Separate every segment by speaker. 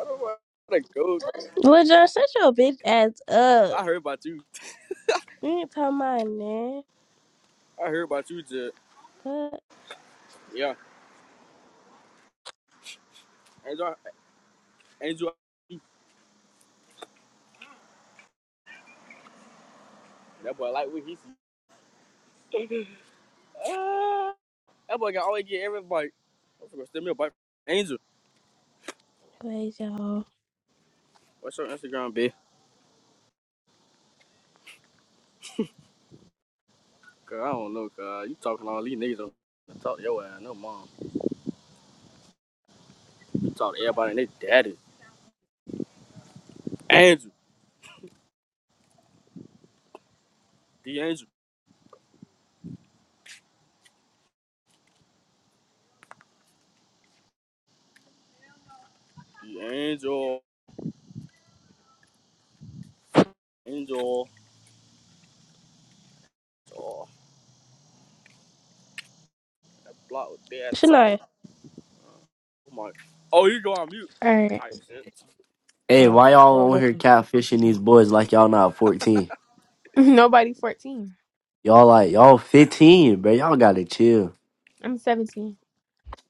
Speaker 1: I don't want to go.
Speaker 2: LeJohn, shut your bitch ass up.
Speaker 1: I heard about you.
Speaker 2: You ain't talking about man.
Speaker 1: I heard about you, Jet.
Speaker 2: But
Speaker 1: Yeah, Angel. Angel. That boy like what he see. Ah, that boy can always get every bite. I'm gonna send me a bite. Angel,
Speaker 2: wait, y'all.
Speaker 1: what's your Instagram, bitch? Cause I don't know. Cause you talking all these niggas. on- I Talk to your ass, no mom. You talk to everybody and they daddy. Angel, the angel, the angel, angel. Oh, that block with bad talking.
Speaker 2: Shania.
Speaker 1: Oh my. Oh, you go on mute.
Speaker 3: All right.
Speaker 1: Tight shit.
Speaker 4: Hey,
Speaker 2: Oh, I
Speaker 4: why
Speaker 2: had to go
Speaker 4: y'all on here
Speaker 2: lucky.
Speaker 4: catfishing these boys like y'all not 14?
Speaker 3: Nobody 14.
Speaker 4: Y'all like y'all 15, bro. Y'all gotta chill.
Speaker 3: I'm 17.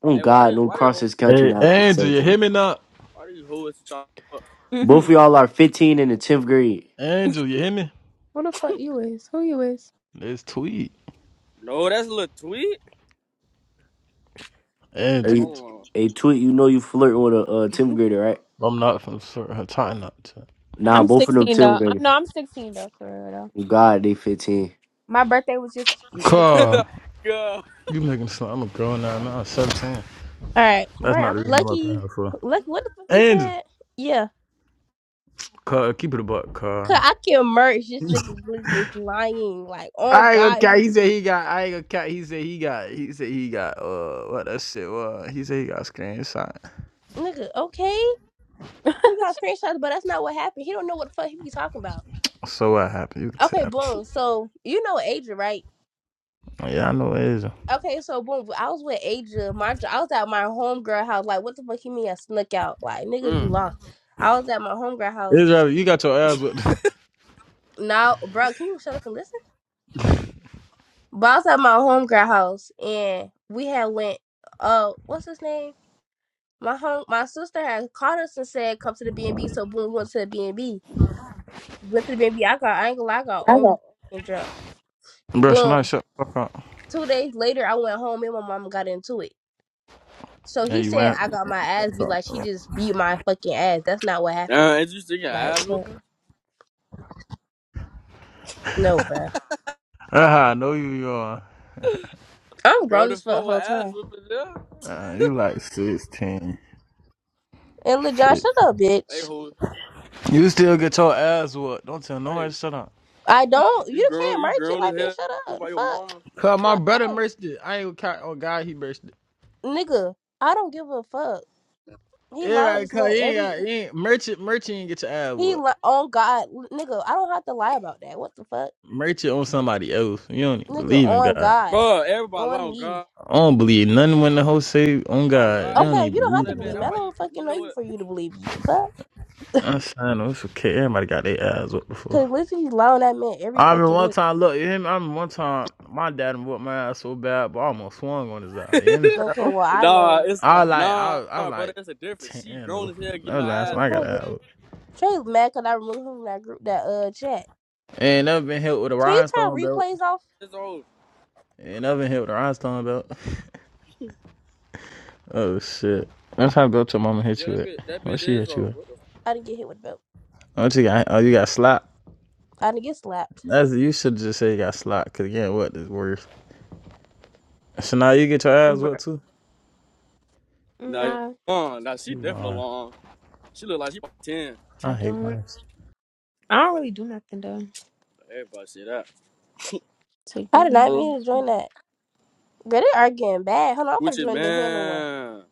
Speaker 4: Oh
Speaker 1: Hey, why
Speaker 4: God,
Speaker 1: did
Speaker 4: no
Speaker 1: why did
Speaker 4: cross this
Speaker 1: why
Speaker 4: country
Speaker 5: Hey,
Speaker 4: not fit
Speaker 5: Angel, you
Speaker 4: 17.
Speaker 5: hear me now?
Speaker 1: did you hold us to talk?
Speaker 4: Both
Speaker 3: Mm-hmm.
Speaker 4: of y'all are 15 in the 10th grade.
Speaker 5: Angel, you hear me?
Speaker 3: Who the fuck you is? Who you is?
Speaker 5: Let's tweet.
Speaker 1: No, that's a little tweet.
Speaker 5: Angel,
Speaker 4: Hey,
Speaker 1: Hold
Speaker 4: hey tweet, you know you flirting with a uh, 10th grader, right?
Speaker 5: I'm not from sure. I'm trying not to.
Speaker 4: Nah,
Speaker 3: I'm
Speaker 4: both of them
Speaker 3: 16
Speaker 4: 10th
Speaker 3: though. I'm,
Speaker 4: graders.
Speaker 3: no, I'm 16 though, for real though.
Speaker 4: Oh God, they 15.
Speaker 3: My birthday was just on the
Speaker 1: on.
Speaker 5: Carl,
Speaker 1: Girl.
Speaker 5: you making slow. I'm a girl now, man. I'm 17.
Speaker 2: All right,
Speaker 5: That's not
Speaker 3: right.
Speaker 5: the reason I'm up
Speaker 2: lucky,
Speaker 5: there for.
Speaker 2: lucky. What the fuck you
Speaker 5: Angel,
Speaker 2: said? Yeah,
Speaker 5: Carl, keep it a buck,
Speaker 2: cause
Speaker 5: Carl.
Speaker 2: I can merch. This nigga Glizzy is lying. Like, oh
Speaker 5: I ain't gonna
Speaker 2: God, this
Speaker 5: count.
Speaker 2: nigga,
Speaker 5: He said he
Speaker 2: Glizzy-
Speaker 5: got. I ain't gonna count. He said he got. He said he got. Uh, what that shit was. He said he got screenshot.
Speaker 2: nigga. Okay,
Speaker 3: I
Speaker 2: he got screenshots, but that's not what happened. He don't know what the fuck he be talking about.
Speaker 5: So what happened? You can
Speaker 2: Okay,
Speaker 5: tell.
Speaker 2: boom. So you know Adrian, right?
Speaker 5: Oh, Yeah, I know Israel.
Speaker 2: Okay, so boom, I was with Aja. My I was at my homegirl house. Like, what the fuck you mean I snuck out? Like, niggas be
Speaker 1: Mm.
Speaker 2: lost. I was at my homegirl house.
Speaker 5: Israel, you got your ass with.
Speaker 2: Now, bro, can you shut up and listen? But I was at my homegirl house, and we had went. Uh, what's his name? My home, my sister had called us and said, "Come to the B and B." So boom, we went to the B and B. Went to the B and B. I got, I ain't gonna lie, I got overly
Speaker 3: got
Speaker 2: drunk.
Speaker 5: Bro, should I
Speaker 2: Boom.
Speaker 5: shut the fuck up.
Speaker 2: Two days later, I went home. Me and my mom got into it. So
Speaker 5: Yeah,
Speaker 2: he
Speaker 5: you
Speaker 2: said
Speaker 5: went.
Speaker 2: I got my ass beat like she just beat my fucking ass. That's not what happened.
Speaker 1: Uh, is you sticking
Speaker 2: Like,
Speaker 1: ass
Speaker 2: fuck,
Speaker 1: whooping?
Speaker 2: no, bruh.
Speaker 5: Uh huh, I know who you are.
Speaker 2: I'm
Speaker 1: Girl,
Speaker 2: grown
Speaker 1: the
Speaker 2: as fuck the
Speaker 1: fuck with
Speaker 2: whole
Speaker 1: ass
Speaker 2: time.
Speaker 1: whooping there?
Speaker 5: Uh, you like 16.
Speaker 2: And Lil John,
Speaker 5: Shit.
Speaker 2: shut up,
Speaker 1: Hey,
Speaker 2: bitch.
Speaker 1: who?
Speaker 5: You still get your ass whooped. Don't tell nobody
Speaker 1: Hey,
Speaker 5: to shut up.
Speaker 2: I don't.
Speaker 1: you
Speaker 2: You
Speaker 1: grown?
Speaker 2: can't
Speaker 1: You
Speaker 2: merch it
Speaker 1: grown as
Speaker 2: like, bitch.
Speaker 1: hell?
Speaker 2: Shut
Speaker 1: Look
Speaker 2: up. The
Speaker 1: like your
Speaker 2: fuck,
Speaker 1: mama?
Speaker 5: Cause my
Speaker 2: God
Speaker 5: brother merched it. I ain't count. Oh God, he merched it.
Speaker 2: bless. nigga. I don't give a fuck. He lied on
Speaker 5: Everybody,
Speaker 2: this
Speaker 5: cause
Speaker 2: man
Speaker 5: you ain't
Speaker 2: every.
Speaker 5: got you ain't merch it. Merch it you ain't get your ass
Speaker 2: He
Speaker 5: whooped.
Speaker 2: li- on God, nigga. I don't have to lie about that. What the fuck,
Speaker 5: Merch it on somebody else. You don't even
Speaker 2: nigga?
Speaker 5: believe in
Speaker 2: On
Speaker 5: God.
Speaker 2: God,
Speaker 1: Bro, everybody lying
Speaker 2: on
Speaker 1: on
Speaker 2: me.
Speaker 1: God.
Speaker 5: I don't believe nothing when the whole say on
Speaker 1: Oh
Speaker 5: God. They
Speaker 1: God, they
Speaker 5: don't
Speaker 2: Okay,
Speaker 1: love
Speaker 2: you
Speaker 5: even
Speaker 2: don't have
Speaker 5: believe
Speaker 2: to
Speaker 1: that
Speaker 5: in
Speaker 1: man.
Speaker 2: believe me.
Speaker 1: That's
Speaker 2: I
Speaker 1: why
Speaker 5: God.
Speaker 1: you.
Speaker 2: don't fucking
Speaker 1: You
Speaker 2: know
Speaker 1: know
Speaker 2: you
Speaker 1: what?
Speaker 2: for you to believe me. The fuck.
Speaker 5: I'm saying no, it's okay. Everybody got their ass whooped before.
Speaker 2: Cause literally, he lied on that man every
Speaker 5: I remember
Speaker 2: fucking day.
Speaker 5: one time, look, you hear me? I remember one time my dad whooped my ass so bad, but I almost swung on his eye. You hear me?
Speaker 2: Okay,
Speaker 3: old.
Speaker 2: well I
Speaker 1: Nah,
Speaker 2: know
Speaker 1: it's
Speaker 5: I
Speaker 2: what
Speaker 5: was
Speaker 2: happened.
Speaker 5: like I
Speaker 1: nah,
Speaker 5: was, I was
Speaker 1: brother.
Speaker 5: like
Speaker 1: It's a difference. She
Speaker 5: ten.
Speaker 1: grown as hell
Speaker 5: That
Speaker 1: getting
Speaker 5: was
Speaker 1: her
Speaker 5: the last
Speaker 1: ass
Speaker 5: one
Speaker 2: The
Speaker 5: I got
Speaker 2: fuck,
Speaker 1: whooped.
Speaker 5: out.
Speaker 2: Trey's mad because I removed him from that group that uh chat.
Speaker 5: And I've been hit with a
Speaker 2: Can you turn
Speaker 5: rhinestone belt.
Speaker 2: replays off?
Speaker 1: It's old.
Speaker 5: And I've been hit with a rhinestone belt. Oh shit! That's how belt your mama hit
Speaker 1: Yeah,
Speaker 5: you
Speaker 1: that
Speaker 5: with.
Speaker 1: bit. That
Speaker 5: What
Speaker 1: bit
Speaker 5: she
Speaker 1: is
Speaker 5: hit you
Speaker 1: old.
Speaker 5: with?
Speaker 1: What the? F-
Speaker 2: I didn't get hit with a belt.
Speaker 5: Oh, you got oh you got slap.
Speaker 2: I didn't get slapped.
Speaker 5: That's you should just say you got slap. Cause again, what is worse? So now you get your ass
Speaker 3: Bruh.
Speaker 5: what too?
Speaker 1: nah,
Speaker 3: Nah,
Speaker 1: long. Nah, she
Speaker 5: You
Speaker 1: definitely
Speaker 5: lying.
Speaker 1: long. She look like she about ten.
Speaker 5: I
Speaker 3: I
Speaker 5: hate
Speaker 3: don't.
Speaker 5: lies.
Speaker 3: I don't really do nothing though.
Speaker 1: Everybody say that.
Speaker 3: To
Speaker 2: I
Speaker 3: get
Speaker 2: did not
Speaker 3: my
Speaker 2: mean to
Speaker 3: ass beat.
Speaker 2: join that. Girl, they are getting bad. Hold on, I'm gonna
Speaker 1: Gucci
Speaker 2: join the handle one.
Speaker 1: man.